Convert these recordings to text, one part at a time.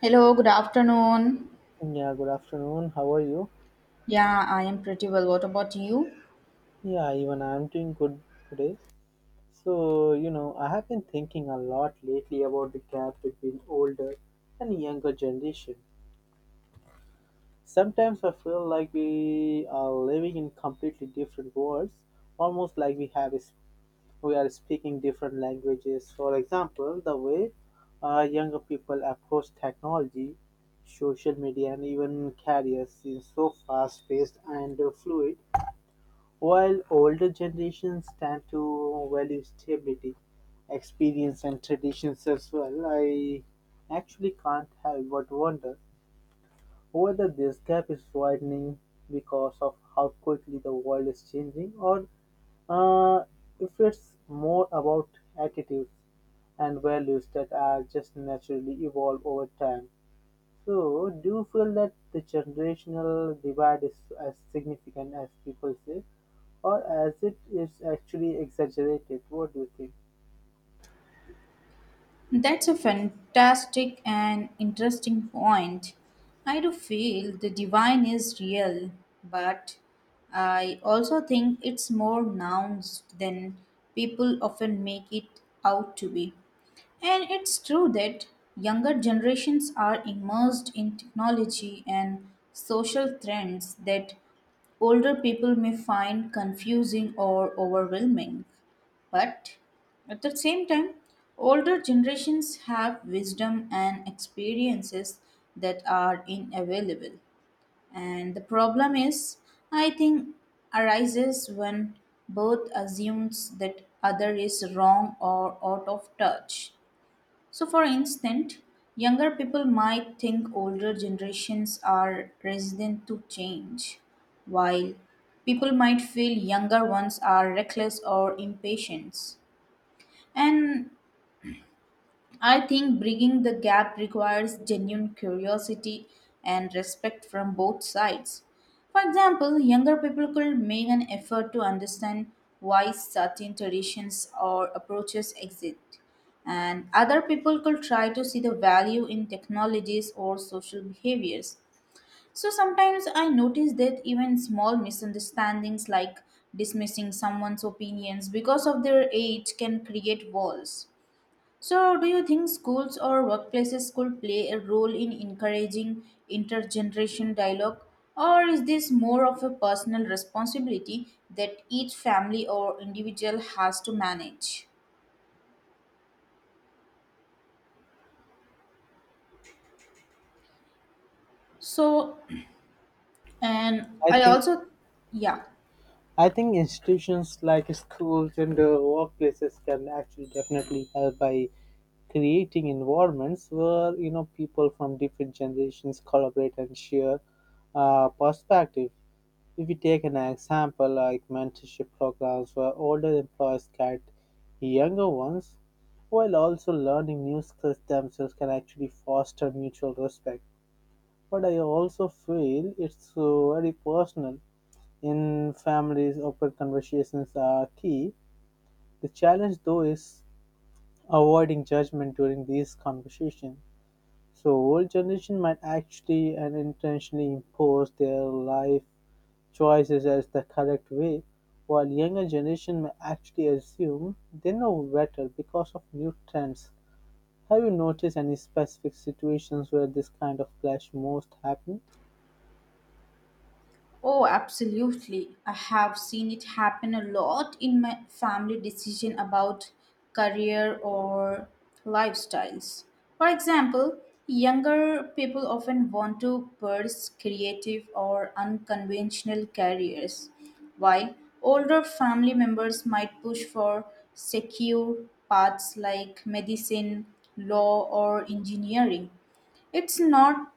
Hello, good afternoon. Yeah, good afternoon. How are you? Yeah, I am pretty well. What about you? Yeah, even I'm doing good today. So, I have been thinking a lot lately about the gap between older and younger generation. Sometimes I feel like we are living in completely different worlds, almost like we have is we are speaking different languages. For example, the way younger people approach technology, social media, and even careers is so fast-paced and fluid. While older generations tend to value stability, experience, and traditions as well, I actually can't help but wonder whether this gap is widening because of how quickly the world is changing, or uh, if it's more about attitudes and values that are just naturally evolve over time. So, do you feel that the generational divide is as significant as people say, or as it is actually exaggerated? What do you think? That's a fantastic and interesting point. I do feel the divine is real, but I also think it's more nuanced than people often make it out to be. And it's true that younger generations are immersed in technology and social trends that older people may find confusing or overwhelming. But at the same time, older generations have wisdom and experiences that are inavailable. And the problem is, I think, arises when both assumes that other is wrong or out of touch. So, for instance, younger people might think older generations are resistant to change, while people might feel younger ones are reckless or impatient. And I think bridging the gap requires genuine curiosity and respect from both sides. For example, younger people could make an effort to understand why certain traditions or approaches exist, and other people could try to see the value in technologies or social behaviors. So sometimes I notice that even small misunderstandings like dismissing someone's opinions because of their age can create walls. So, do you think schools or workplaces could play a role in encouraging intergeneration dialogue? Or is this more of a personal responsibility that each family or individual has to manage? So, and I I think also, yeah. I think institutions like schools and workplaces can actually definitely help by creating environments where people from different generations collaborate and share perspective. If we take an example like mentorship programs where older employees guide younger ones while also learning new skills themselves can actually foster mutual respect. But I also feel it's very personal. In families, open conversations are key. The challenge though is avoiding judgment during these conversations. So old generation might actually and intentionally impose their life choices as the correct way, while younger generation may actually assume they know better because of new trends. Have you noticed any specific situations where this kind of clash most happen? Oh, absolutely. I have seen it happen a lot in my family decision about career or lifestyles. For example, younger people often want to pursue creative or unconventional careers, while older family members might push for secure paths like medicine, law, or engineering. It's not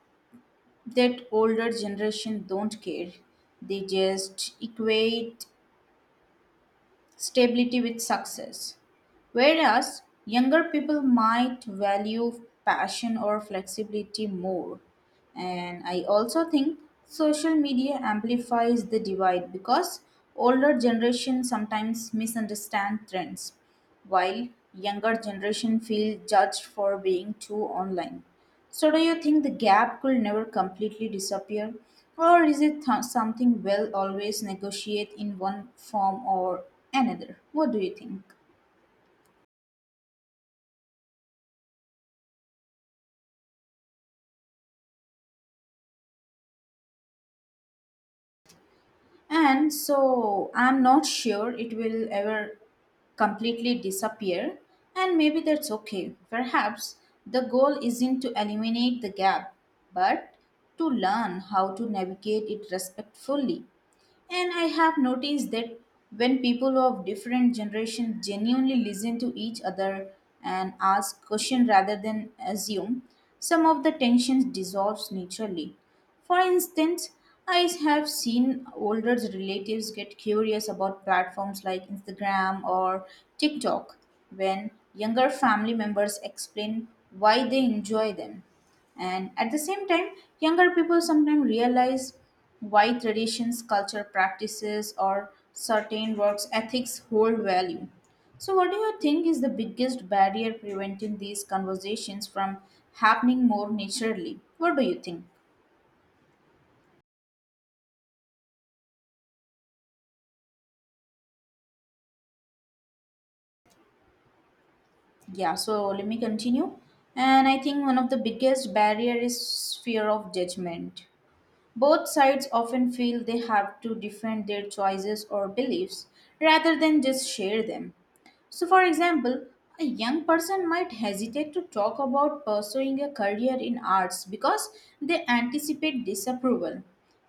that older generation don't care. They just equate stability with success. Whereas younger people might value passion or flexibility more. And I also think social media amplifies the divide because older generation sometimes misunderstand trends while younger generation feel judged for being too online. So do you think the gap could never completely disappear or is it something we'll always negotiate in one form or another? What do you think? And so I'm not sure it will ever completely disappear and maybe that's okay. Perhaps the goal isn't to eliminate the gap but to learn how to navigate it respectfully. And I have noticed that when people of different generations genuinely listen to each other and ask questions rather than assume, some of the tensions dissolves naturally. For instance, I have seen older relatives get curious about platforms like Instagram or TikTok when younger family members explain why they enjoy them. And at the same time, younger people sometimes realize why traditions, culture, practices, or certain works ethics hold value. So, what do you think is the biggest barrier preventing these conversations from happening more naturally? What do you think? Yeah, so let me continue. And I think one of the biggest barrier is fear of judgment. Both sides often feel they have to defend their choices or beliefs rather than just share them. So, for example, a young person might hesitate to talk about pursuing a career in arts because they anticipate disapproval.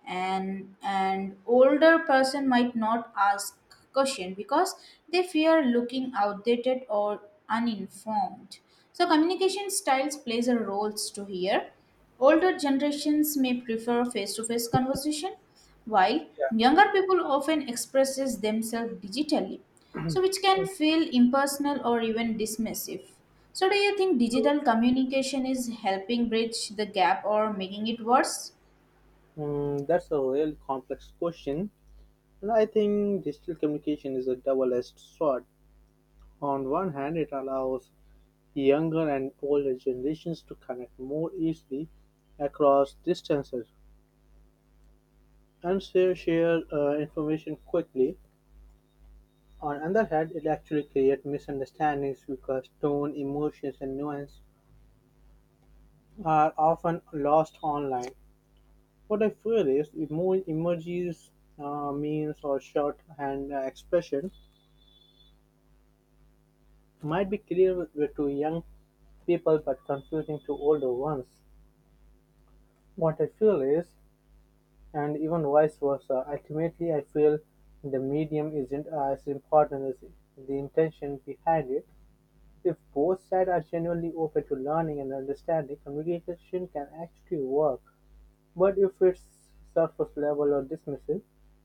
And an older person might not ask question because they fear looking outdated or uninformed. So communication styles plays a role to here. Older generations may prefer face-to-face conversation, while younger people often expresses themselves digitally so which can feel impersonal or even dismissive. So, do you think digital communication is helping bridge the gap or making it worse? Mm, that's a real complex question, and I think digital communication is a double-edged sword. On one hand, it allows younger and older generations to connect more easily across distances and share information quickly. On the other hand, it actually creates misunderstandings because tone, emotions, and nuance are often lost online. What I feel is emojis, memes, or shorthand expressions might be clear with to young people but confusing to older ones. What I feel is, and even vice versa, ultimately I feel the medium isn't as important as the intention behind it. If both sides are genuinely open to learning and understanding, communication can actually work. But if it's surface level or dismissive,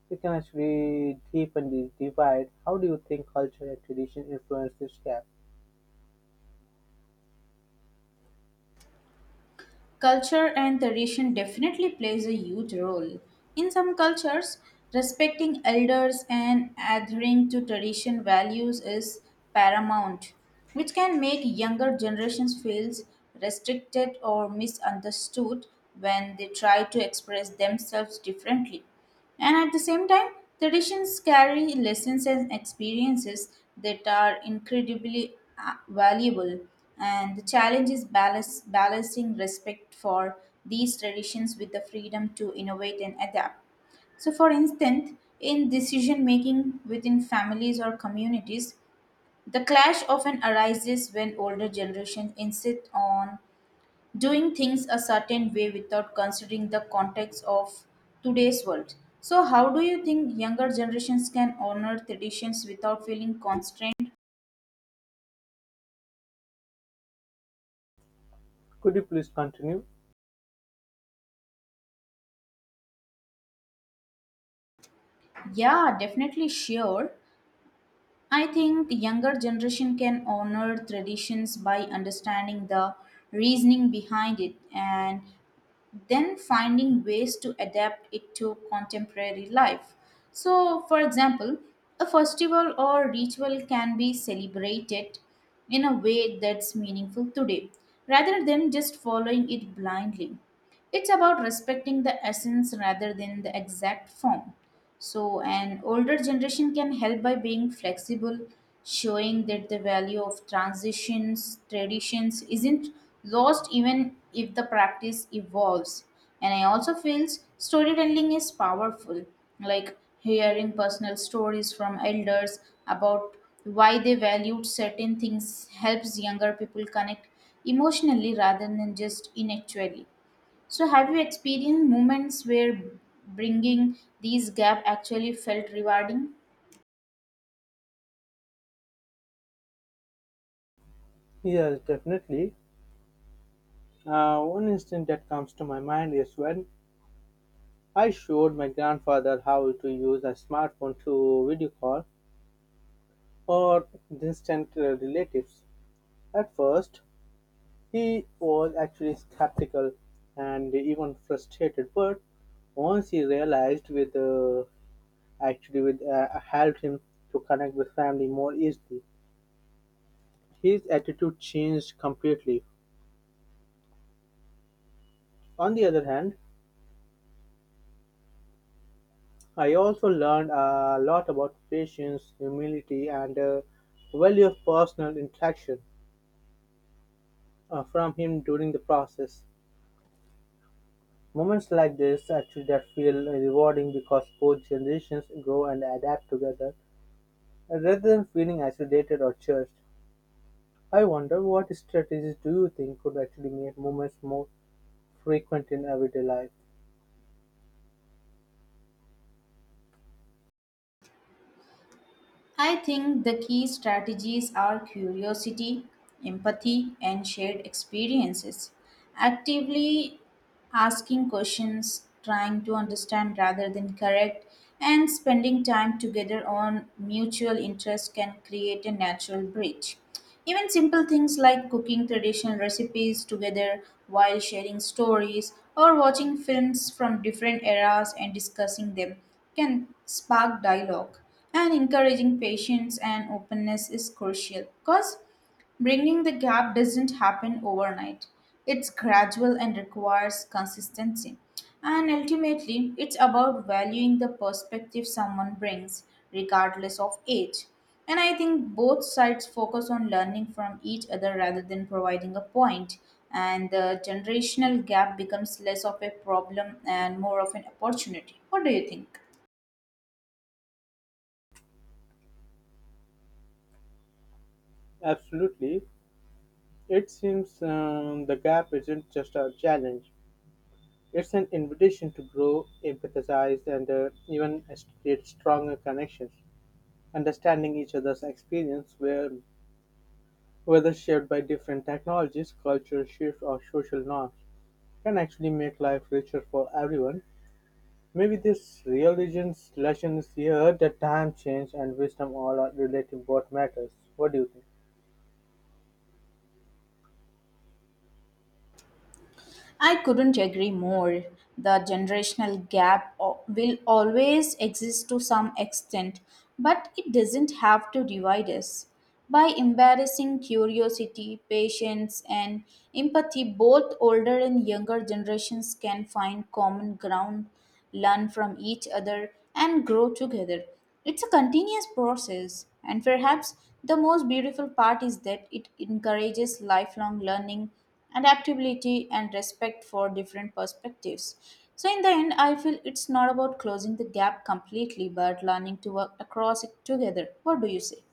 it can actually deepen the divide. How do you think culture and tradition influence this gap? Culture and tradition definitely plays a huge role. In some cultures, respecting elders and adhering to tradition values is paramount, which can make younger generations feel restricted or misunderstood when they try to express themselves differently. And at the same time, traditions carry lessons and experiences that are incredibly valuable. And the challenge is balance, balancing respect for these traditions with the freedom to innovate and adapt. So, for instance, in decision making within families or communities, the clash often arises when older generations insist on doing things a certain way without considering the context of today's world. So, how do you think younger generations can honor traditions without feeling constrained? Could you please continue? Yeah, definitely sure. I think younger generation can honor traditions by understanding the reasoning behind it and then finding ways to adapt it to contemporary life. So, for example, a festival or ritual can be celebrated in a way that's meaningful today rather than just following it blindly. It's about respecting the essence rather than the exact form. So, an older generation can help by being flexible, showing that the value of transitions, traditions isn't lost even if the practice evolves. And I also feel storytelling is powerful, like hearing personal stories from elders about why they valued certain things helps younger people connect emotionally rather than just intellectually. So, have you experienced moments where bringing these gap actually felt rewarding? Yes, definitely. One instance that comes to my mind is when I showed my grandfather how to use a smartphone to video call or distant relatives. At first, he was actually skeptical and even frustrated, but once he realized with actually with helped him to connect with family more easily, his attitude changed completely. On the other hand, I also learned a lot about patience, humility, and value of personal interaction from him during the process. Moments like this actually that feel rewarding because both generations grow and adapt together, rather than feeling isolated or judged. I wonder what strategies do you think could actually make movements more frequent in everyday life? I think the key strategies are curiosity, empathy, and shared experiences. Actively asking questions, trying to understand rather than correct, and spending time together on mutual interests can create a natural bridge. Even simple things like cooking traditional recipes together while sharing stories or watching films from different eras and discussing them can spark dialogue. And encouraging patience and openness is crucial because bringing the gap doesn't happen overnight. It's gradual and requires consistency. And ultimately, it's about valuing the perspective someone brings, regardless of age. And I think both sides focus on learning from each other rather than providing a point. And the generational gap becomes less of a problem and more of an opportunity. What do you think? Absolutely. It seems the gap isn't just a challenge, it's an invitation to grow, empathize, and even create stronger connections. Understanding each other's experience, whether shared by different technologies, cultural shifts, or social norms, can actually make life richer for everyone. Maybe this religion slash here the time change and wisdom all are relative what matters. What do you think? I couldn't agree more. The generational gap will always exist to some extent, but it doesn't have to divide us. By embarrassing curiosity, patience, and empathy, both older and younger generations can find common ground, learn from each other, and grow together. It's a continuous process, and perhaps the most beautiful part is that it encourages lifelong learning, adaptability, and respect for different perspectives. So, in the end, I feel it's not about closing the gap completely, but learning to work across it together. What do you say?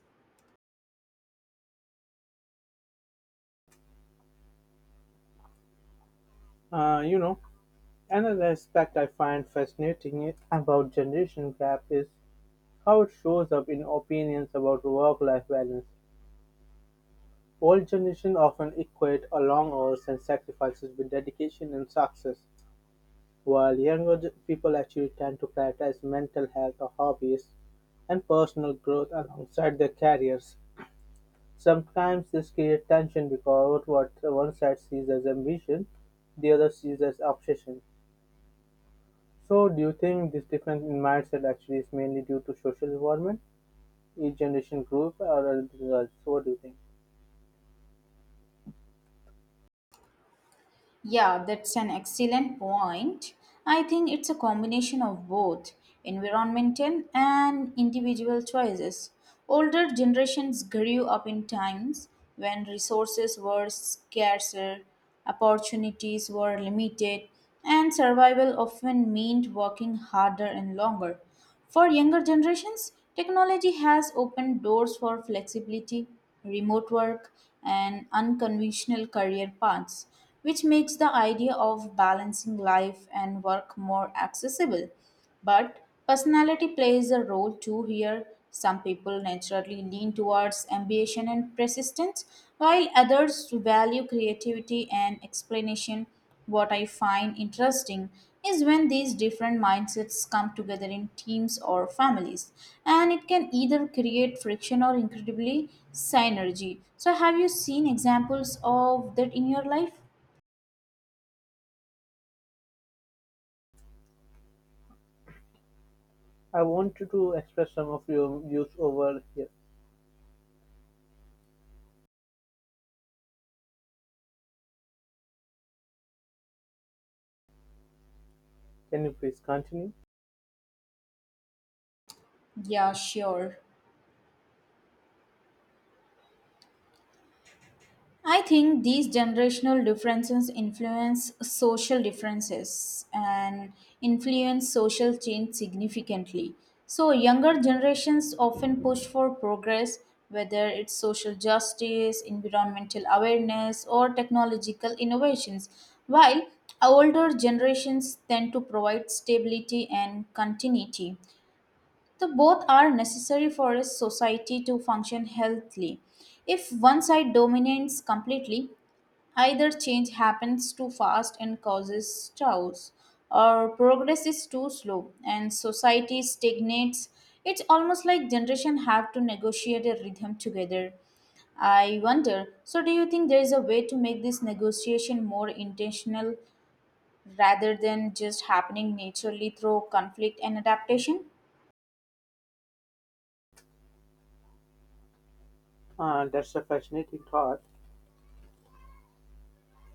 Uh, you know, another aspect I find fascinating about generation gap is how it shows up in opinions about work-life balance. Old generation often equate a long hours and sacrifices with dedication and success, while younger people actually tend to prioritize mental health or hobbies and personal growth alongside their careers. Sometimes this creates tension because what one side sees as ambition, the other sees as obsession. So, do you think this difference in mindset actually is mainly due to social environment, each generation group, or other results? So, what do you think? Yeah, that's an excellent point. I think it's a combination of both environmental and individual choices. Older generations grew up in times when resources were scarcer, opportunities were limited, and survival often meant working harder and longer. For younger generations, technology has opened doors for flexibility, remote work, and unconventional career paths, which makes the idea of balancing life and work more accessible. But personality plays a role too here. Some people naturally lean towards ambition and persistence, while others value creativity and explanation. What I find interesting is when these different mindsets come together in teams or families, and it can either create friction or incredibly synergy. So, have you seen examples of that in your life? I want you to express some of your views over here. Can you please continue? Yeah, sure. I think these generational differences influence social differences and influence social change significantly. So, younger generations often push for progress, whether it's social justice, environmental awareness, or technological innovations, while older generations tend to provide stability and continuity. So, both are necessary for a society to function healthily. If one side dominates completely, either change happens too fast and causes chaos, or progress is too slow and society stagnates. It's almost like generation have to negotiate a rhythm together. I wonder, so do you think there is a way to make this negotiation more intentional rather than just happening naturally through conflict and adaptation? That's a fascinating thought.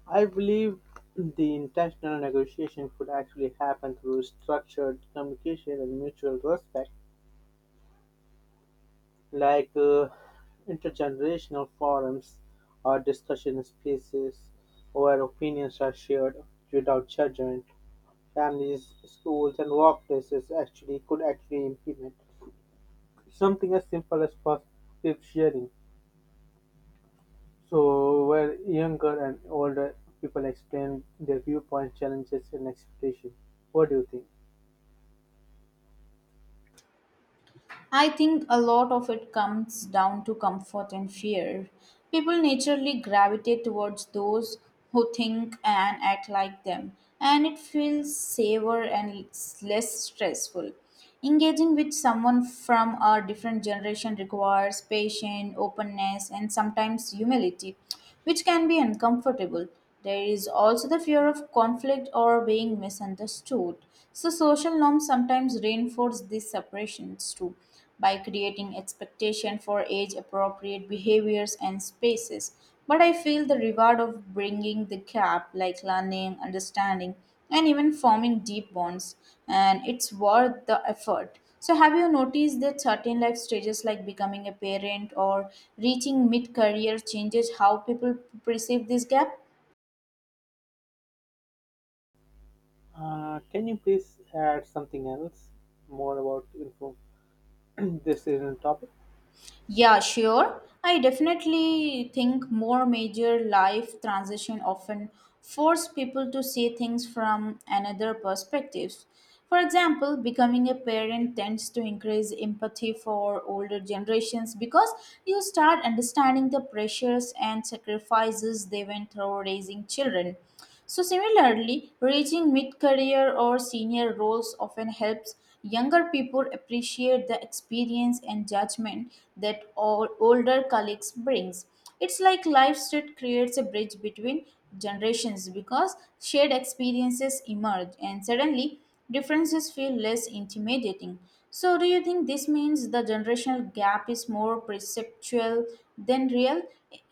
I believe the intentional negotiation could actually happen through structured communication and mutual respect. Like intergenerational forums or discussion spaces where opinions are shared without judgment, families, schools, and workplaces actually could actually implement something as simple as positive sharing. So, where younger and older people explain their viewpoints, challenges, and expectations. What do you think? I think a lot of it comes down to comfort and fear. People naturally gravitate towards those who think and act like them, and it feels safer and less stressful. Engaging with someone from a different generation requires patience, openness, and sometimes humility which can be uncomfortable. There is also the fear of conflict or being misunderstood. So, social norms sometimes reinforce these separations too by creating expectation for age appropriate behaviors and spaces, but I feel the reward of bringing the gap like learning, understanding, and even forming deep bonds, and it's worth the effort. So have you noticed that certain life stages like becoming a parent or reaching mid career changes how people perceive this gap? Can you please add something else more about info this is a topic? Yeah, sure. I definitely think more major life transition often force people to see things from another perspectives. For example, becoming a parent tends to increase empathy for older generations because you start understanding the pressures and sacrifices they went through raising children. So similarly, reaching mid-career or senior roles often helps younger people appreciate the experience and judgment that all older colleagues brings. It's like life stage creates a bridge between generations because shared experiences emerge and suddenly differences feel less intimidating. So do you think this means the generational gap is more perceptual than real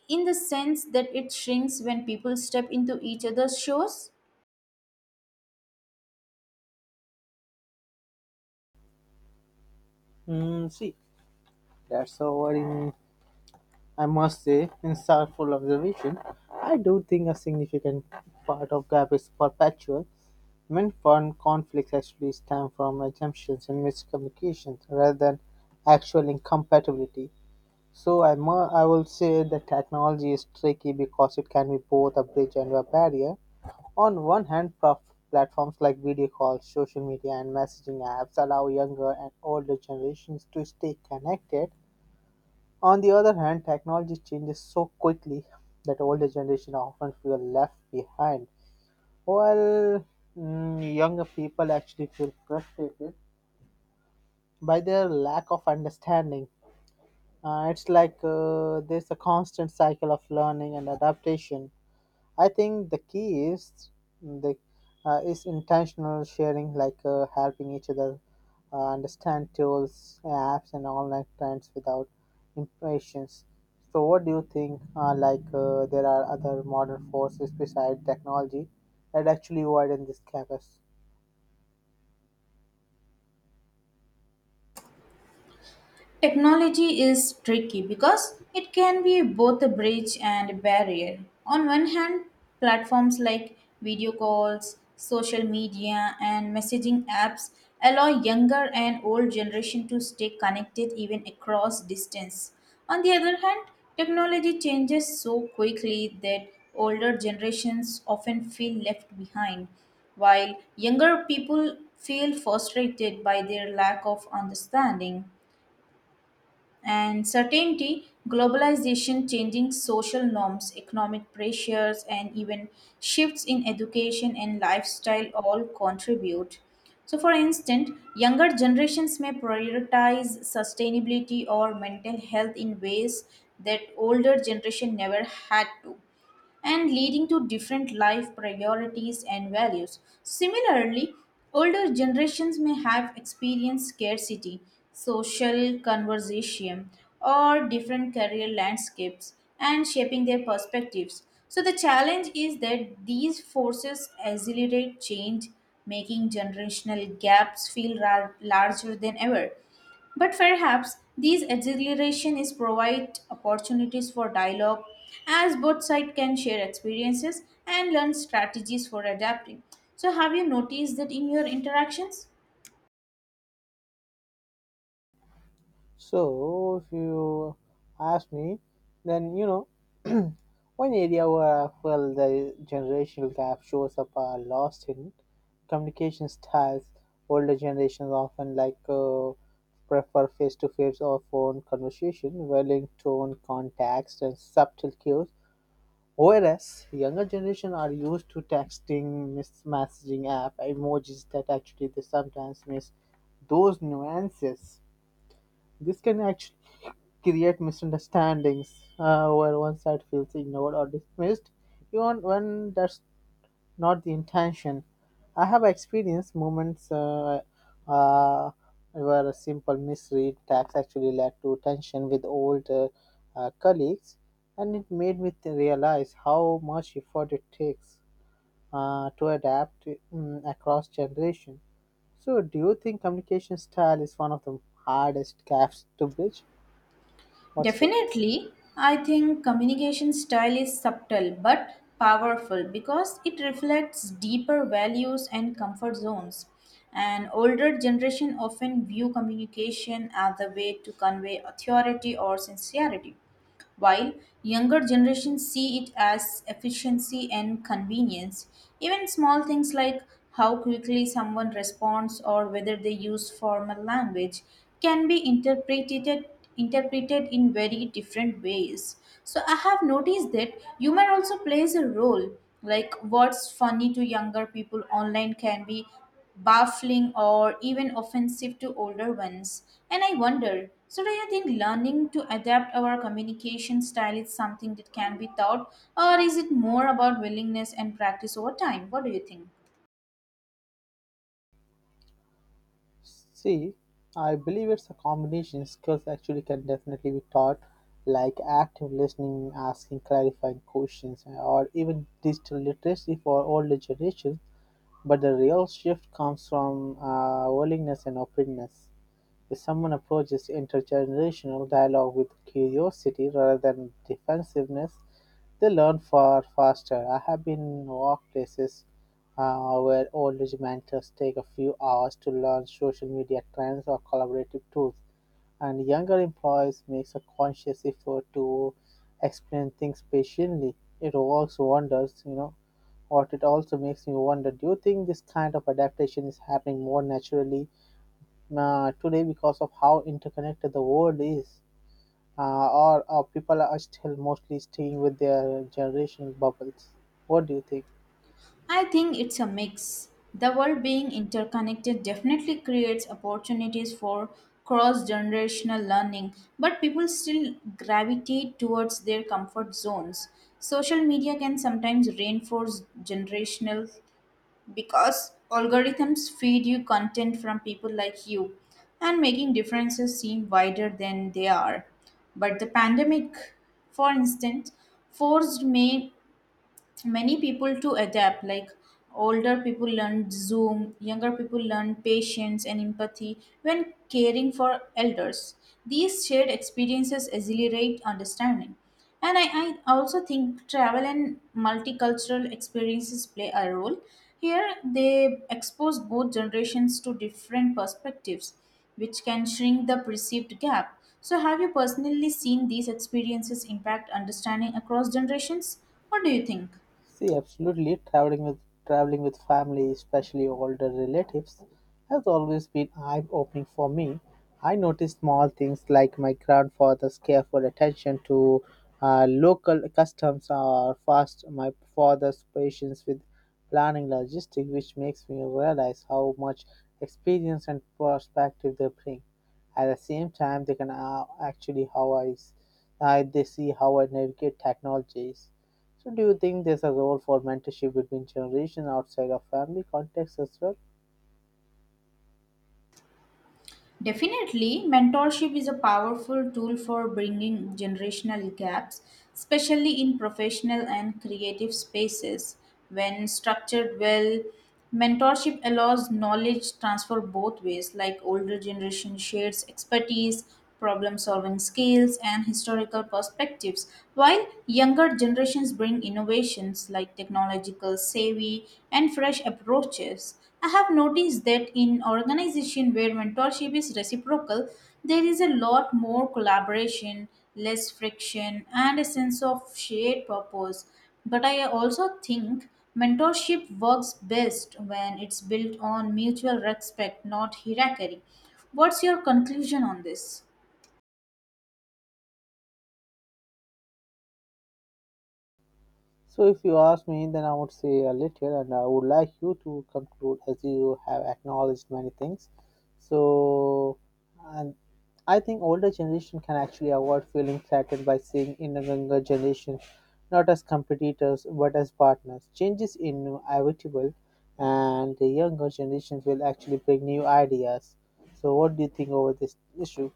in the sense that it shrinks when people step into each other's shoes? Mm, see, that's over in, I must say, insightful observation. I do think a significant part of gap is perpetual. When foreign conflicts actually stem from assumptions and miscommunications rather than actual incompatibility. I will say that technology is tricky because it can be both a bridge and a barrier. On one hand, platforms like video calls, social media, and messaging apps allow younger and older generations to stay connected. On the other hand, technology changes so quickly that older generation often feel left behind, while younger people actually feel frustrated by their lack of understanding. It's like there's a constant cycle of learning and adaptation. I think the key is the is intentional sharing, like helping each other understand tools, apps, and online trends without impatience. So, what do you think? Like there are other modern forces besides technology that actually widen this campus? Technology is tricky because it can be both a bridge and a barrier. On one hand, platforms like video calls, social media, and messaging apps allow younger and old generation to stay connected even across distance. On the other hand, technology changes so quickly that older generations often feel left behind, while younger people feel frustrated by their lack of understanding. And certainty, globalization, changing social norms, economic pressures, and even shifts in education and lifestyle all contribute. So, for instance, younger generations may prioritize sustainability or mental health in ways that older generation never had to and leading to different life priorities and values. Similarly, older generations may have experienced scarcity, social conversation, or different career landscapes and shaping their perspectives. So, the challenge is that these forces accelerate change, making generational gaps feel larger than ever. But perhaps these exhilaration is provide opportunities for dialogue as both sides can share experiences and learn strategies for adapting. So have you noticed that in your interactions? So, if you ask me, then one area where I felt the generational gap shows up are lost in communication styles. Older generations often like prefer face-to-face or phone conversation, valuing tone, context, and subtle cues. Whereas younger generation are used to texting, messaging app, emojis that actually they sometimes miss those nuances. This can actually create misunderstandings where one side feels ignored or dismissed, even when that's not the intention. I have experienced moments uh, where a simple misread text actually led to tension with old colleagues, and it made me to realize how much effort it takes to adapt across generation. So, do you think communication style is one of the hardest gaps to bridge? What say? Definitely, I think communication style is subtle but powerful because it reflects deeper values and comfort zones. And older generation often view communication as a way to convey authority or sincerity while younger generations see it as efficiency and convenience. Even small things like how quickly someone responds or whether they use formal language can be interpreted in very different ways. So I have noticed that humor also plays a role. Like what's funny to younger people online can be baffling or even offensive to older ones. And I wonder so, do you think learning to adapt our communication style is something that can be taught, or is it more about willingness and practice over time? What do you think? See, I believe it's a combination. Skills actually can definitely be taught, like active listening, asking clarifying questions, or even digital literacy for older generations. But the real shift comes from willingness and openness. If someone approaches intergenerational dialogue with curiosity rather than defensiveness, they learn far faster. I have been in workplaces where old mentors take a few hours to learn social media trends or collaborative tools, and younger employees makes a conscious effort to explain things patiently. It works wonders, you know. What it also makes me wonder: do you think this kind of adaptation is happening more naturally today because of how interconnected the world is, or people are still mostly staying with their generational bubbles. What do you think? I think it's a mix. The world being interconnected definitely creates opportunities for cross generational learning, but people still gravitate towards their comfort zones. Social media can sometimes reinforce generational because algorithms feed you content from people like you and making differences seem wider than they are, but the pandemic, for instance, forced me many people to adapt like older people learn Zoom, younger people learn patience and empathy when caring for elders. These shared experiences accelerate understanding, and I also think travel and multicultural experiences play a role here. They expose both generations to different perspectives which can shrink the perceived gap. So have you personally seen these experiences impact understanding across generations? What do you think? See, absolutely, traveling with family, especially older relatives, has always been eye-opening for me. I noticed small things like my grandfather's careful attention to local customs or fast my father's patience with planning logistics, which makes me realize how much experience and perspective they bring. At the same time, they can actually how I, s- I they see how I navigate technologies. So, do you think there's a role for mentorship between generations outside of family context as well? Definitely, mentorship is a powerful tool for bringing generational gaps, especially in professional and creative spaces. When structured well, mentorship allows knowledge transfer both ways, like older generation shares expertise, problem solving skills, and historical perspectives, while younger generations bring innovations like technological savvy and fresh approaches. I have noticed that in organization where mentorship is reciprocal, there is a lot more collaboration, less friction, and a sense of shared purpose. But I also think mentorship works best when it's built on mutual respect, not hierarchy. What's your conclusion on this? So, if you ask me, then I would say a little, and I would like you to conclude as you have acknowledged many things. So, and I think older generation can actually avoid feeling threatened by seeing in a younger generation not as competitors but as partners. Change is inevitable, and the younger generations will actually bring new ideas. So, what do you think over this issue?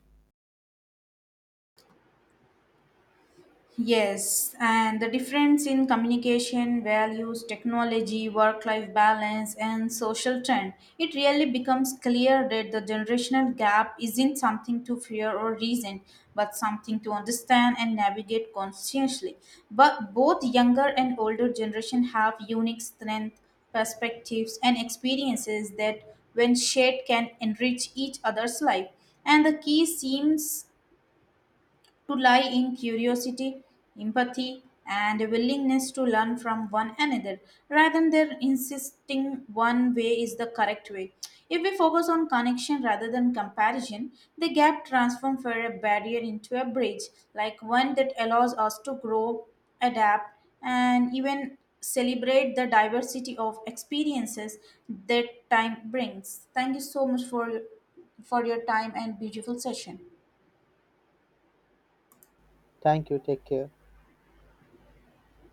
Yes, and the difference in communication, values, technology, work life balance, and social trend, it really becomes clear that the generational gap isn't something to fear or reason, but something to understand and navigate consciously. But both younger and older generation have unique strength, perspectives, and experiences that, when shared, can enrich each other's life. And the key seems to lie in curiosity, empathy, and a willingness to learn from one another rather than insisting one way is the correct way. If we focus on connection rather than comparison, the gap transforms from a barrier into a bridge, like one that allows us to grow, adapt, and even celebrate the diversity of experiences that time brings. Thank you so much for your time and beautiful session. Thank you. Take care.